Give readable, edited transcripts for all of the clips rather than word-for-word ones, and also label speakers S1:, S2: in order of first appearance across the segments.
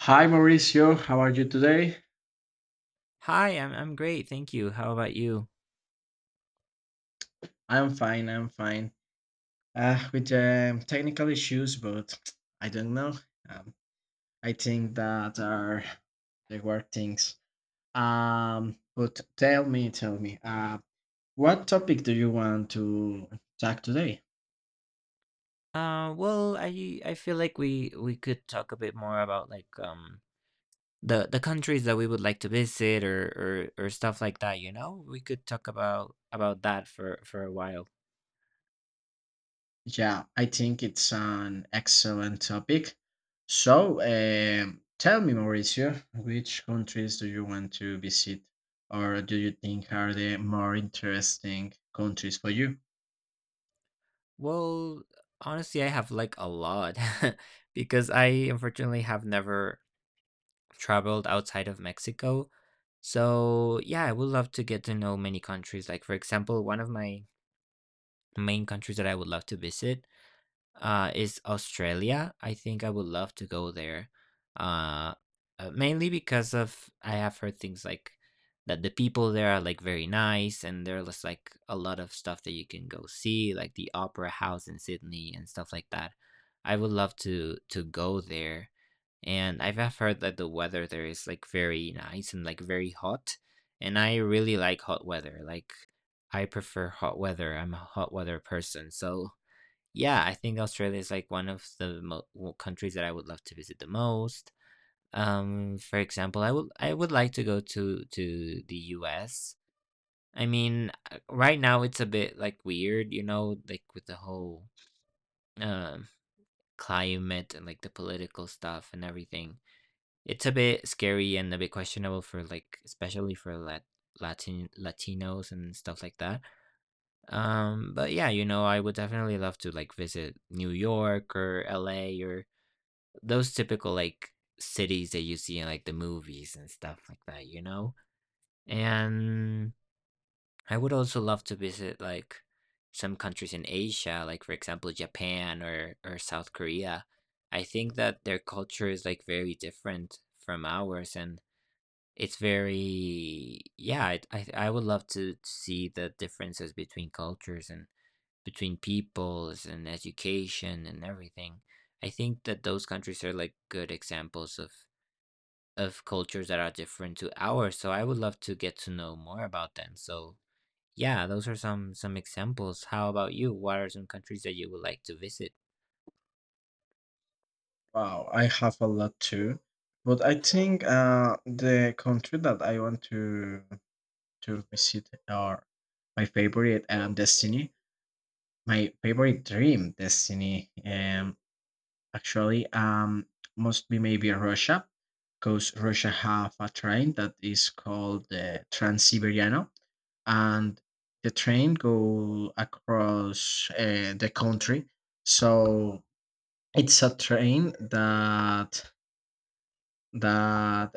S1: Hi Mauricio, how are you today?
S2: Hi, I'm great, thank you. How about you?
S1: I'm fine, I'm fine. With technical issues, but I don't know. Um, I think that are the work things. But tell me, what topic do you want to talk today?
S2: Well, I feel like we could talk a bit more about like the countries that we would like to visit or stuff like that, you know? We could talk about that for a while.
S1: Yeah, I think it's an excellent topic. So, tell me, Mauricio, which countries do you want to visit, or do you think are the more interesting countries for you?
S2: Well, honestly, I have like a lot because I unfortunately have never traveled outside of Mexico. So, yeah, I would love to get to know many countries. Like for example, one of my main countries that I would love to visit is Australia. I think I would love to go there, uh, mainly because of I have heard things like that the people there are like very nice, and there's like a lot of stuff that you can go see, like the Opera House in Sydney and stuff like that. I would love to go there, and I've have heard that the weather there is like very nice and like very hot, and I really like hot weather. Like I prefer hot weather. I'm a hot weather person, so. Yeah, I think Australia is like one of the countries that I would love to visit the most. For example, I would like to go to the U.S. I mean, right now it's a bit like weird, you know, like with the whole um climate and like the political stuff and everything. It's a bit scary and a bit questionable for like especially for Latinos and stuff like that. But yeah, you know, I would definitely love to like visit New York or LA or those typical like cities that you see in like the movies and stuff like that, you know? And I would also love to visit like some countries in Asia, like for example Japan or South Korea. I think that their culture is like very different from ours and it's very yeah, I would love to see the differences between cultures and between peoples and education and everything. I think that those countries are like good examples of cultures that are different to ours, so I would love to get to know more about them. So yeah, those are some examples. How about you? What are some countries that you would like to visit?
S1: Wow, I have a lot too, but I think the country that I want to visit, or my favorite destiny, my favorite dream destiny. Actually must be maybe Russia, because Russia have a train that is called the Trans-Siberiano, and the train go across the country. So it's a train that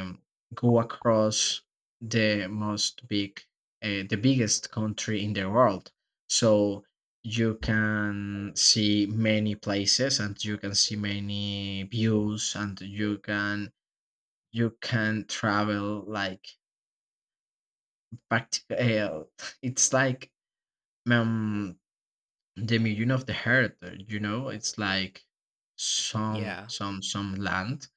S1: um, go across the most big, the biggest country in the world. So you can see many places, and you can see many views, and you can travel like back, uh, it's like, um, the million of the hectare, you know, it's like some
S2: Yeah.
S1: some some land.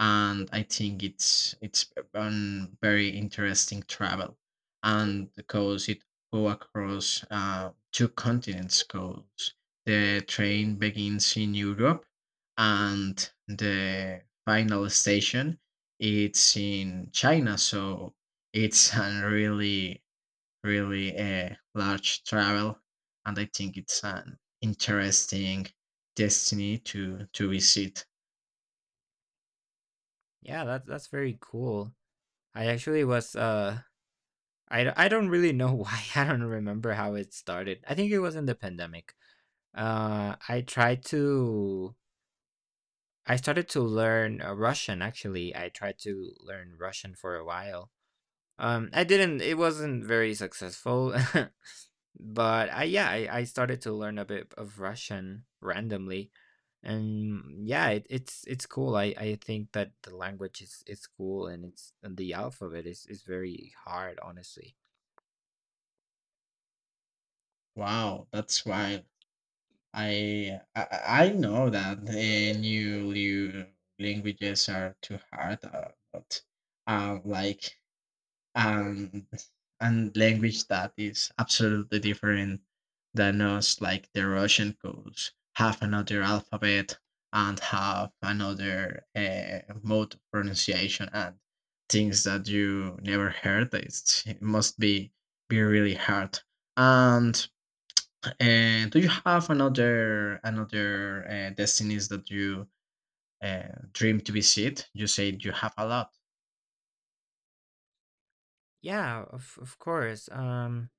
S1: And I think it's a very interesting travel, and because it go across two continents, because the train begins in Europe and the final station it's in China. So it's a really a large travel, and I think it's an interesting destiny to visit.
S2: Yeah, that's very cool. I actually was I don't really know why. I don't remember how it started. I think it was in the pandemic. I tried to. I started to learn Russian. Actually, I tried to learn Russian for a while. I didn't. It wasn't very successful, but I yeah, I started to learn a bit of Russian randomly, and yeah, it's cool. I think that the language is cool, and it's and the alphabet is very hard, honestly.
S1: Wow, that's wild. I I, I know that new languages are too hard, but uh, like and and language that is absolutely different than us, like the Russian codes have another alphabet and have another mode of pronunciation, and things that you never heard, it's, it must be really hard. And uh, do you have another destinies that you uh, dream to visit? You said you have a lot.
S2: Yeah, of course. Um,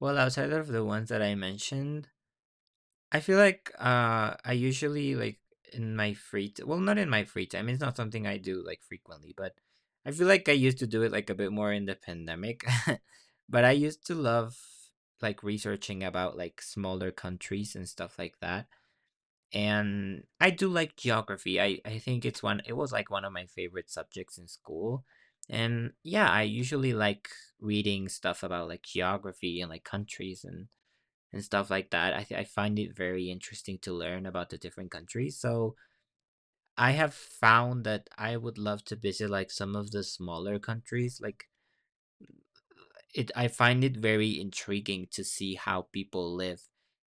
S2: well, Outside of the ones that I mentioned, I feel like I usually like in my well, not in my free time. It's not something I do like frequently, but I feel like I used to do it like a bit more in the pandemic. But I used to love like researching about like smaller countries and stuff like that. And I do like geography. I think it was like one of my favorite subjects in school. And yeah, I usually like reading stuff about like geography and like countries and stuff like that. I find it very interesting to learn about the different countries. So, I have found that I would love to visit like some of the smaller countries. Like it I find it very intriguing to see how people live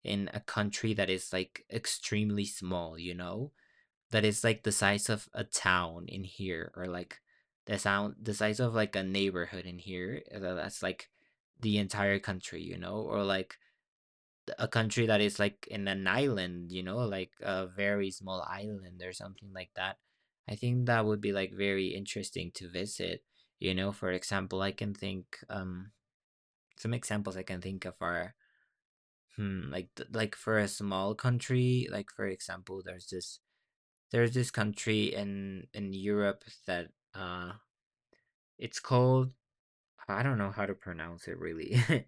S2: in a country that is like extremely small, you know? That is like the size of a town in here or like the size of like a neighborhood in here that's like the entire country, you know, or like a country that is like in an island, you know, like a very small island or something like that. I think that would be like very interesting to visit, you know? For example, I can think some examples I can think of are hmm, like like for a small country, like for example, there's this country in Europe that it's called I don't know how to pronounce it really.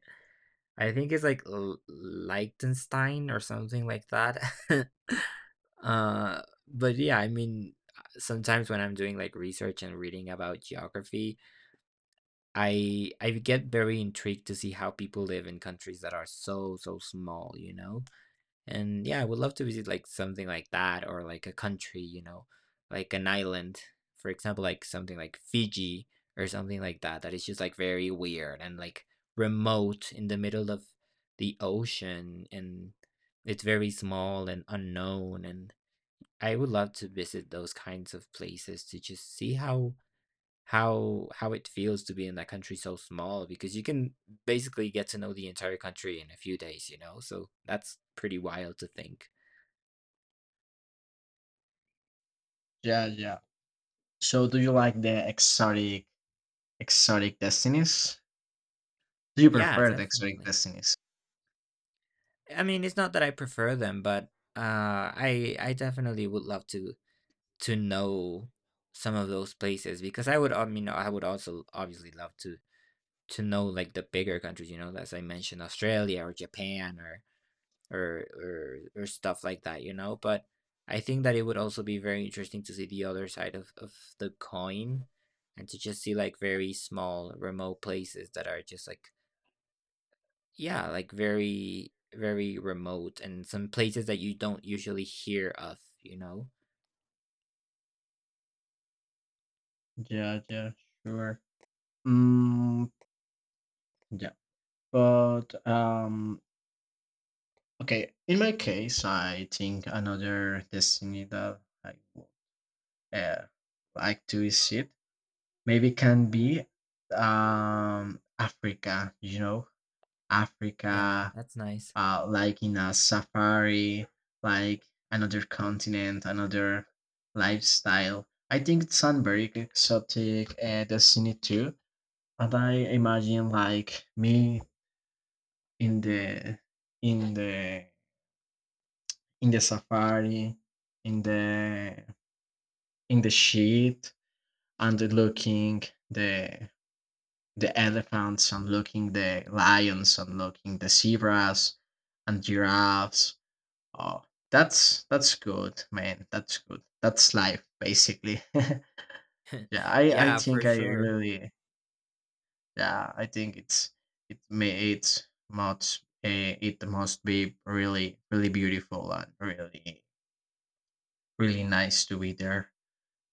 S2: I think it's like Liechtenstein or something like that. Uh, but yeah, I mean sometimes when I'm doing like research and reading about geography, I get very intrigued to see how people live in countries that are so small, you know? And yeah, I would love to visit like something like that or like a country, you know, like an island, for example, like something like Fiji or something like that, that is just like very weird and like remote in the middle of the ocean and it's very small and unknown. And I would love to visit those kinds of places to just see how how it feels to be in that country so small because you can basically get to know the entire country in a few days, you know? So that's pretty wild to think.
S1: Yeah, yeah. So do you like the exotic Exotic Destinies? Do you
S2: Yeah,
S1: prefer the Exotic
S2: definitely.
S1: Destinies?
S2: I mean, it's not that I prefer them, but uh, I definitely would love to know some of those places because I would, I mean, I would also obviously love to know like the bigger countries, you know, as I mentioned, Australia or Japan or or stuff like that, you know. But I think that it would also be very interesting to see the other side of the coin and to just see like very small remote places that are just like yeah, like very, very remote and some places that you don't usually hear of, you know?
S1: Yeah, yeah, sure. Mm, yeah, but okay. In my case, I think another destiny that I would uh, like to visit maybe can be Africa. You know,
S2: Yeah,
S1: Africa,
S2: that's nice.
S1: like in a safari, like another continent, another lifestyle. I think it sounds very exotic and scenic too. And I imagine like me in the in the in the safari, in the sheet, and looking the elephants, and looking the lions, and looking the zebras and giraffes. Oh, that's good, man. That's good. That's life, basically. Yeah, I
S2: Yeah, for
S1: think I
S2: sure.
S1: really yeah I think it's it may it's much it must be really beautiful and really nice to be there.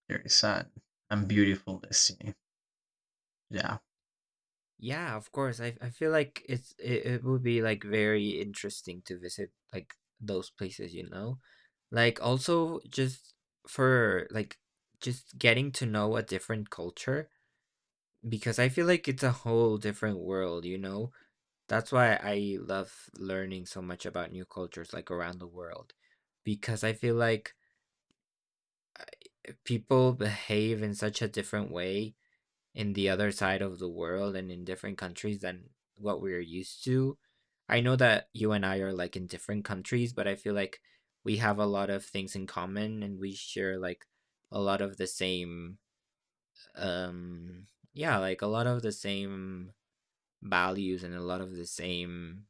S1: There is a and beautiful destiny. Yeah.
S2: Yeah, of course. I feel like it would be like very interesting to visit like those places, you know? Like also just for like just getting to know a different culture because I feel like it's a whole different world, you know? That's why I love learning so much about new cultures, like, around the world, because I feel like, uh, people behave in such a different way in the other side of the world and in different countries than what we're used to. I know that you and I are, like, in different countries, but I feel like we have a lot of things in common, and we share, like, a lot of the same, um yeah, like, a lot of the same values and a lot of the same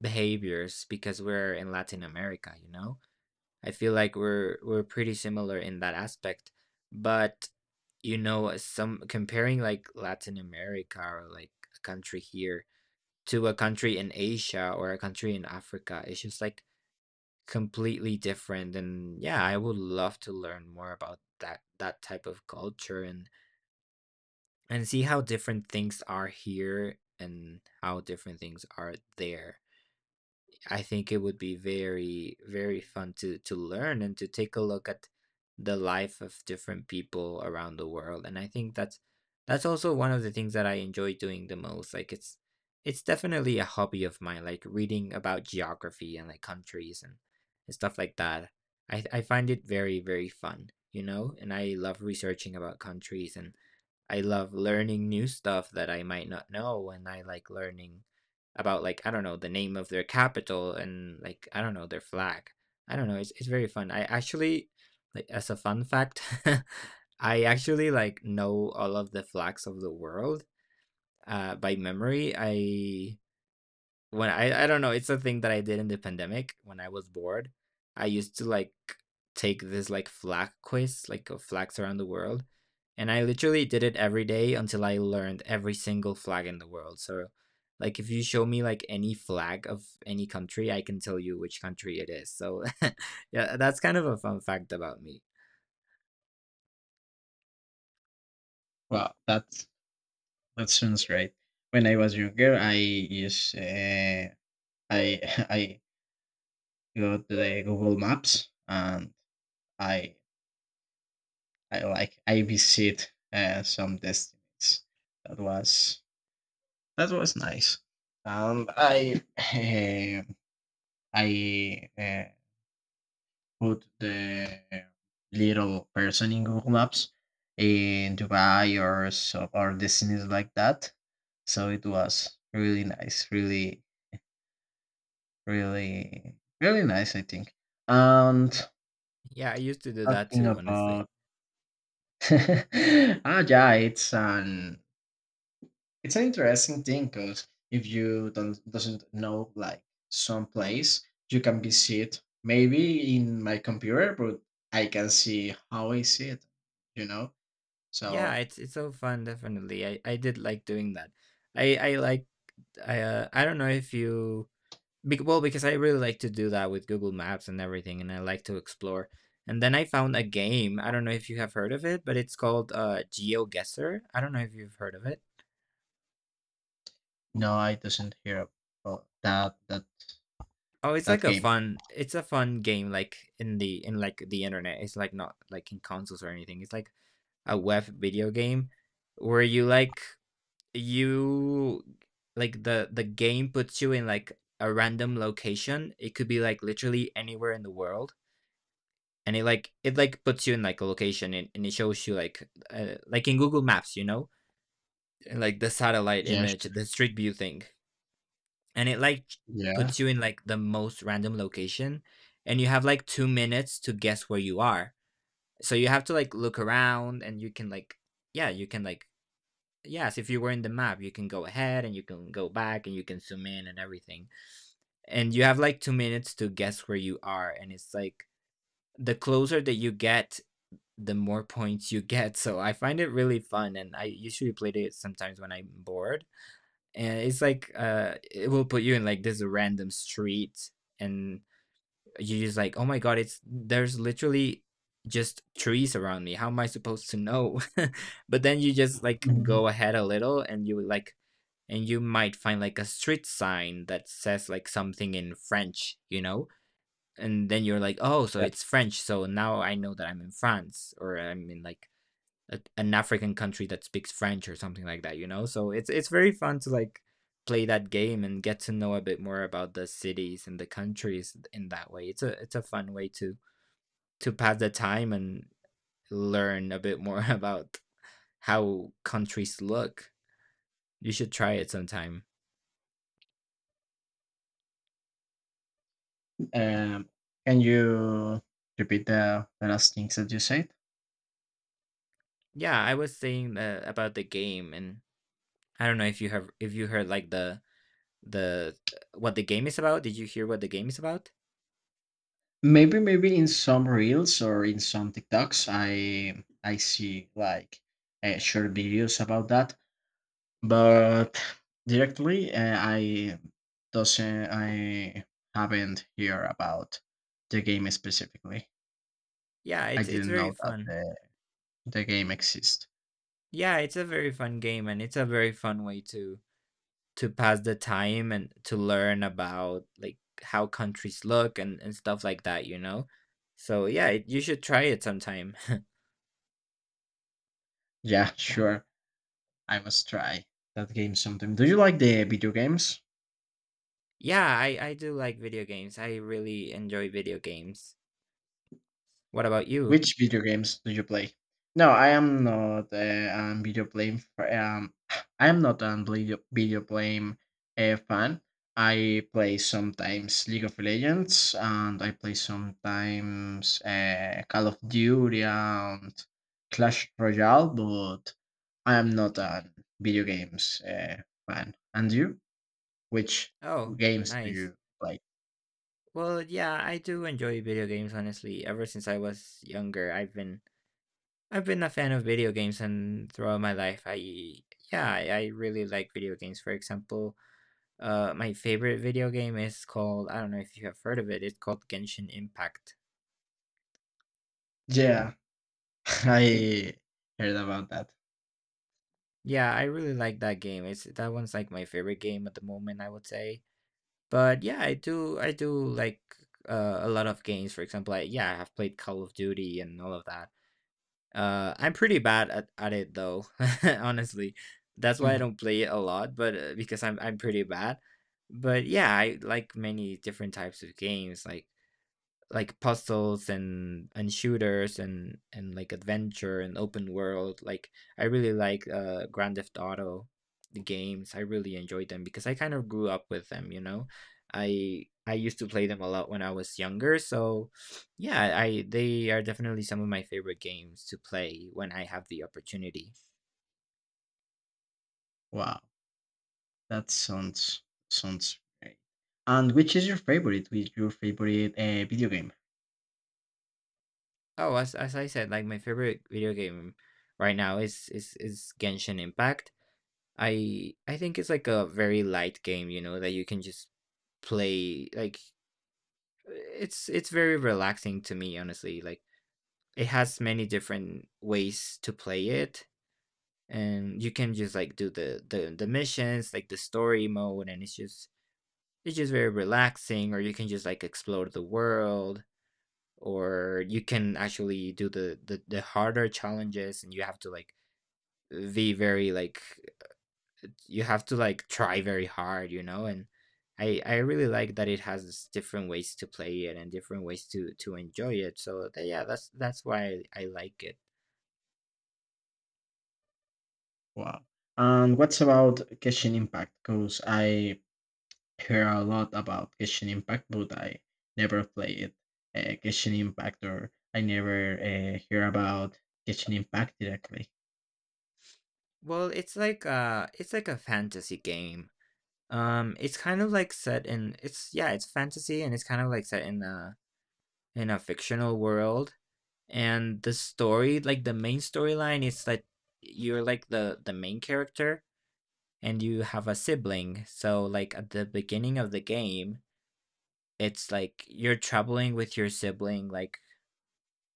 S2: behaviors because we're in Latin America, you know? I feel like we're pretty similar in that aspect, but you know, some comparing like Latin America or like a country here to a country in Asia or a country in Africa, it's just like completely different. And yeah, I would love to learn more about that type of culture and see how different things are here and how different things are there. I think it would be very, very fun to learn and to take a look at the life of different people around the world. And I think that's also one of the things that I enjoy doing the most. Like it's definitely a hobby of mine, like reading about geography and like countries and stuff like that. I find it very, very fun, you know? And I love researching about countries and I love learning new stuff that I might not know, and I like learning about like I don't know the name of their capital and like I don't know their flag. I don't know. It's very fun. I actually like as a fun fact, I actually like know all of the flags of the world by memory. I when I don't know, it's a thing that I did in the pandemic when I was bored. I used to like take this like flag quiz, like of flags around the world, and I literally did it every day until I learned every single flag in the world. So, like if you show me like any flag of any country, I can tell you which country it is. So, yeah, that's kind of a fun fact about me.
S1: Well, that's that sounds right. When I was younger, I used I I got the Google Maps, and I I like I visit some destinies. That was nice. I eh, I put the little person in Google Maps in Dubai or so, or destinies like that. So it was really nice, really nice, I think. And
S2: Yeah, I used to do that
S1: talking
S2: too,
S1: about
S2: honestly.
S1: ah yeah, it's an It's an interesting thing, because if you don't doesn't know like some place, you can be see it maybe in my computer, but I can see how I see it, you know.
S2: Yeah,
S1: So
S2: it's so fun, definitely. I did like doing that. I like I don't know if you Bec well, because I really like to do that with Google Maps and everything, and I like to explore. And then I found a game. I don't know if you have heard of it, but it's called GeoGuessr. I don't know if you've heard of it.
S1: no, I doesn't hear about
S2: Oh, it's
S1: that
S2: like a
S1: game.
S2: fun. It's a fun game, like in the in like the internet. It's like not like in consoles or anything. It's like a web video game where you like the game puts you in like a random location. It could be like literally anywhere in the world, and it like puts you in like a location, and it shows you like in Google Maps, you know, like the satellite
S1: Yeah,
S2: image,
S1: sure.
S2: the street view thing. And it like
S1: Yeah,
S2: puts you in like the most random location, and you have like 2 minutes to guess where you are. So you have to like look around and you can like, yeah, you can like, yes, if you were in the map, you can go ahead and you can go back and you can zoom in and everything. And you have like 2 minutes to guess where you are, and it's like the closer that you get, the more points you get. So I find it really fun, and I usually play it sometimes when I'm bored. And it's like it will put you in like this random street, and you're just like, oh my god, it's there's literally just trees around me. How am I supposed to know? But then you just like
S1: Mhm.
S2: go ahead a little, and you like. And you might find like a street sign that says like something in French, you know? And then you're like, oh, so
S1: Yeah.
S2: it's French. So now I know that I'm in France, or I'm in like a, an African country that speaks French or something like that, you know? So it's very fun to like play that game and get to know a bit more about the cities and the countries in that way. It's a fun way to pass the time and learn a bit more about how countries look. You should try it sometime.
S1: Um, can you repeat the last things that you said?
S2: Yeah, I was saying about the game. And I don't know if you have, if you heard like the, what the game is about? Did you hear what the game is about?
S1: Maybe maybe in some reels or in some TikToks, I see like short videos about that. But directly i haven't hear about the game specifically.
S2: Yeah,
S1: I
S2: it's
S1: didn't
S2: very
S1: know that
S2: fun.
S1: the game exists.
S2: Yeah, it's a very fun game, and it's a very fun way to pass the time and to learn about like how countries look and stuff like that, you know? So yeah, it, you should try it sometime.
S1: Yeah, sure, I must try that game sometime. Do you like the video games?
S2: Yeah, I do like video games. I really enjoy video games. What about you?
S1: Which video games do you play? No, I am not video game. I am not a video game fan. I play sometimes League of Legends, and I play sometimes Call of Duty and Clash Royale. But I am not a video games fan. And you? Which
S2: Oh,
S1: games do
S2: nice.
S1: you play?
S2: Well, yeah, I do enjoy video games, honestly. Ever since I was younger, I've been a fan of video games, and throughout my life I, yeah, I really like video games. For example, my favorite video game is called, I don't know if you have heard of it. It's called Genshin Impact.
S1: Yeah, I heard about that.
S2: Yeah, I really like that game. It's, that one's like my favorite game at the moment, I would say. But yeah, I do like a lot of games. For example, I, yeah, I have played Call of Duty and all of that. I'm pretty bad at it though, honestly. That's why I don't play it a lot, but because I'm pretty bad. But yeah, I like many different types of games. Like puzzles and shooters and like adventure and open world, like I really like Grand Theft Auto. The games I really enjoyed them because I kind of grew up with them, you know. I used to play them a lot when I was younger, so yeah, I, they are definitely some of my favorite games to play when I have the opportunity.
S1: Wow. That sounds great. And which is your favorite? Which your favorite video game?
S2: Oh, as I said, like my favorite video game right now is Genshin Impact. I think it's like a very light game, you know, that you can just play, like, it's very relaxing to me, honestly. Like it has many different ways to play it, and you can just like do the missions, like the story mode, and it's just, it's just very relaxing. Or you can just like explore the world, or you can actually do the harder challenges and you have to like be very like, you have to like try very hard, you know. And I really like that it has this different ways to play it and different ways to enjoy it. So yeah, that's why I like it.
S1: Wow. And what's about Genshin Impact? Because I hear a lot about Genshin Impact, but I never play it. Genshin Impact, or I never hear about Genshin Impact directly.
S2: Well, it's like a fantasy game. Um, it's kind of like set in, it's, yeah, it's fantasy, and it's kind of like set in a fictional world. And the story, like the main storyline is that you're like the main character, and you have a sibling. So like at the beginning of the game, it's like you're traveling with your sibling, like,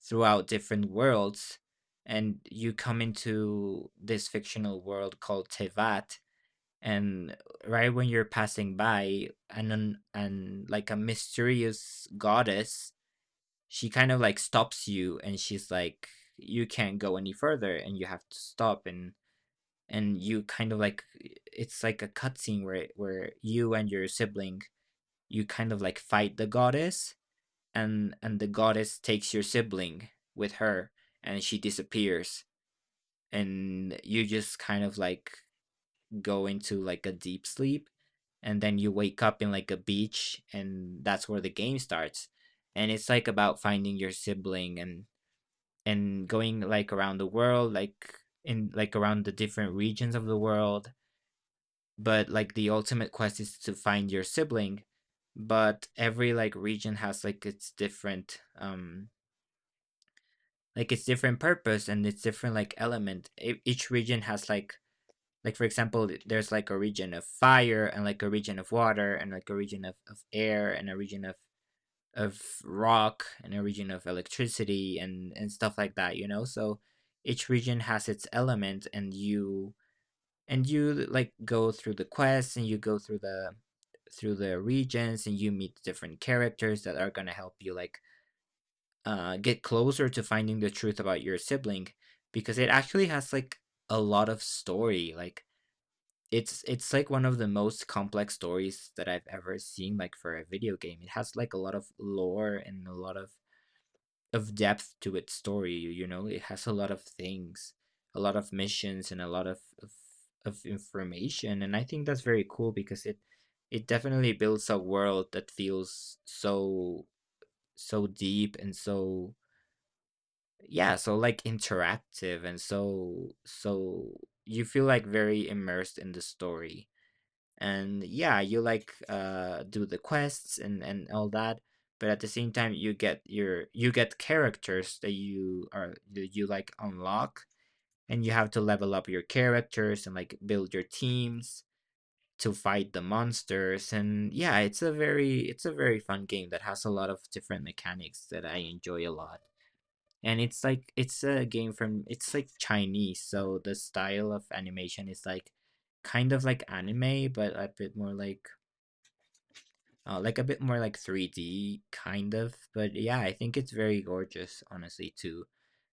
S2: throughout different worlds, and you come into this fictional world called Tevat. And right when you're passing by, and an like, a mysterious goddess, she kind of, like, stops you, and she's like, "You can't go any further, and you have to stop," and you kind of, like, it's like a cutscene where you and your sibling, you kind of, like, fight the goddess, and the goddess takes your sibling with her, and she disappears, and you just kind of like go into like a deep sleep. And then you wake up in like a beach, and that's where the game starts. And it's like about finding your sibling, and going like around the world, like in like around the different regions of the world. But like the ultimate quest is to find your sibling. But every like region has like its different, um, like it's different purpose, and it's different like element. Each region has like for example, there's like a region of fire, and like a region of water, and like a region of air, and a region of rock, and a region of electricity and stuff like that, you know. So each region has its element, and you like go through the quests, and you go through the regions, and you meet different characters that are going to help you like get closer to finding the truth about your sibling. Because it actually has like a lot of story, like it's like one of the most complex stories that I've ever seen, like for a video game. It has like a lot of lore and a lot of depth to its story, you know. It has a lot of things, a lot of missions and a lot of information. And I think that's very cool because it definitely builds a world that feels so so deep and so, yeah, so like interactive and so so you feel like very immersed in the story. And yeah, you like do the quests and all that. But at the same time you get your, you get characters that you are that you like unlock, and you have to level up your characters and like build your teams to fight the monsters. And yeah, it's a very fun game that has a lot of different mechanics that I enjoy a lot. And it's like it's a game from, it's like Chinese, so the style of animation is like kind of like anime, but a bit more like a bit more like 3D kind of. But yeah, I think it's very gorgeous, honestly. Too,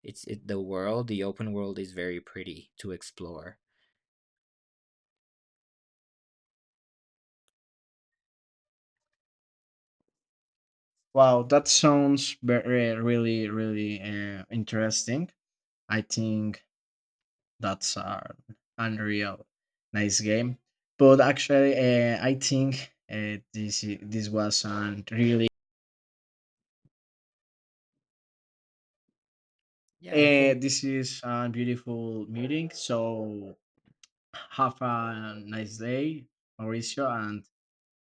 S2: it's it, the world, the open world is very pretty to explore.
S1: Wow, that sounds very, really, really interesting. I think that's unreal. Nice game. But actually, I think this was a really
S2: Yeah, I think.
S1: this is a beautiful meeting. So have a nice day, Mauricio, and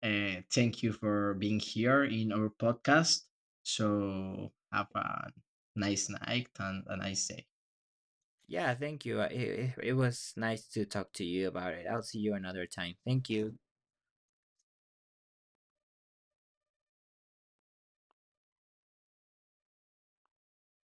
S1: thank you for being here in our podcast. So have a nice night and a nice day.
S2: Yeah, thank you. It, it, it was nice to talk to you about it. I'll see you another time. Thank you.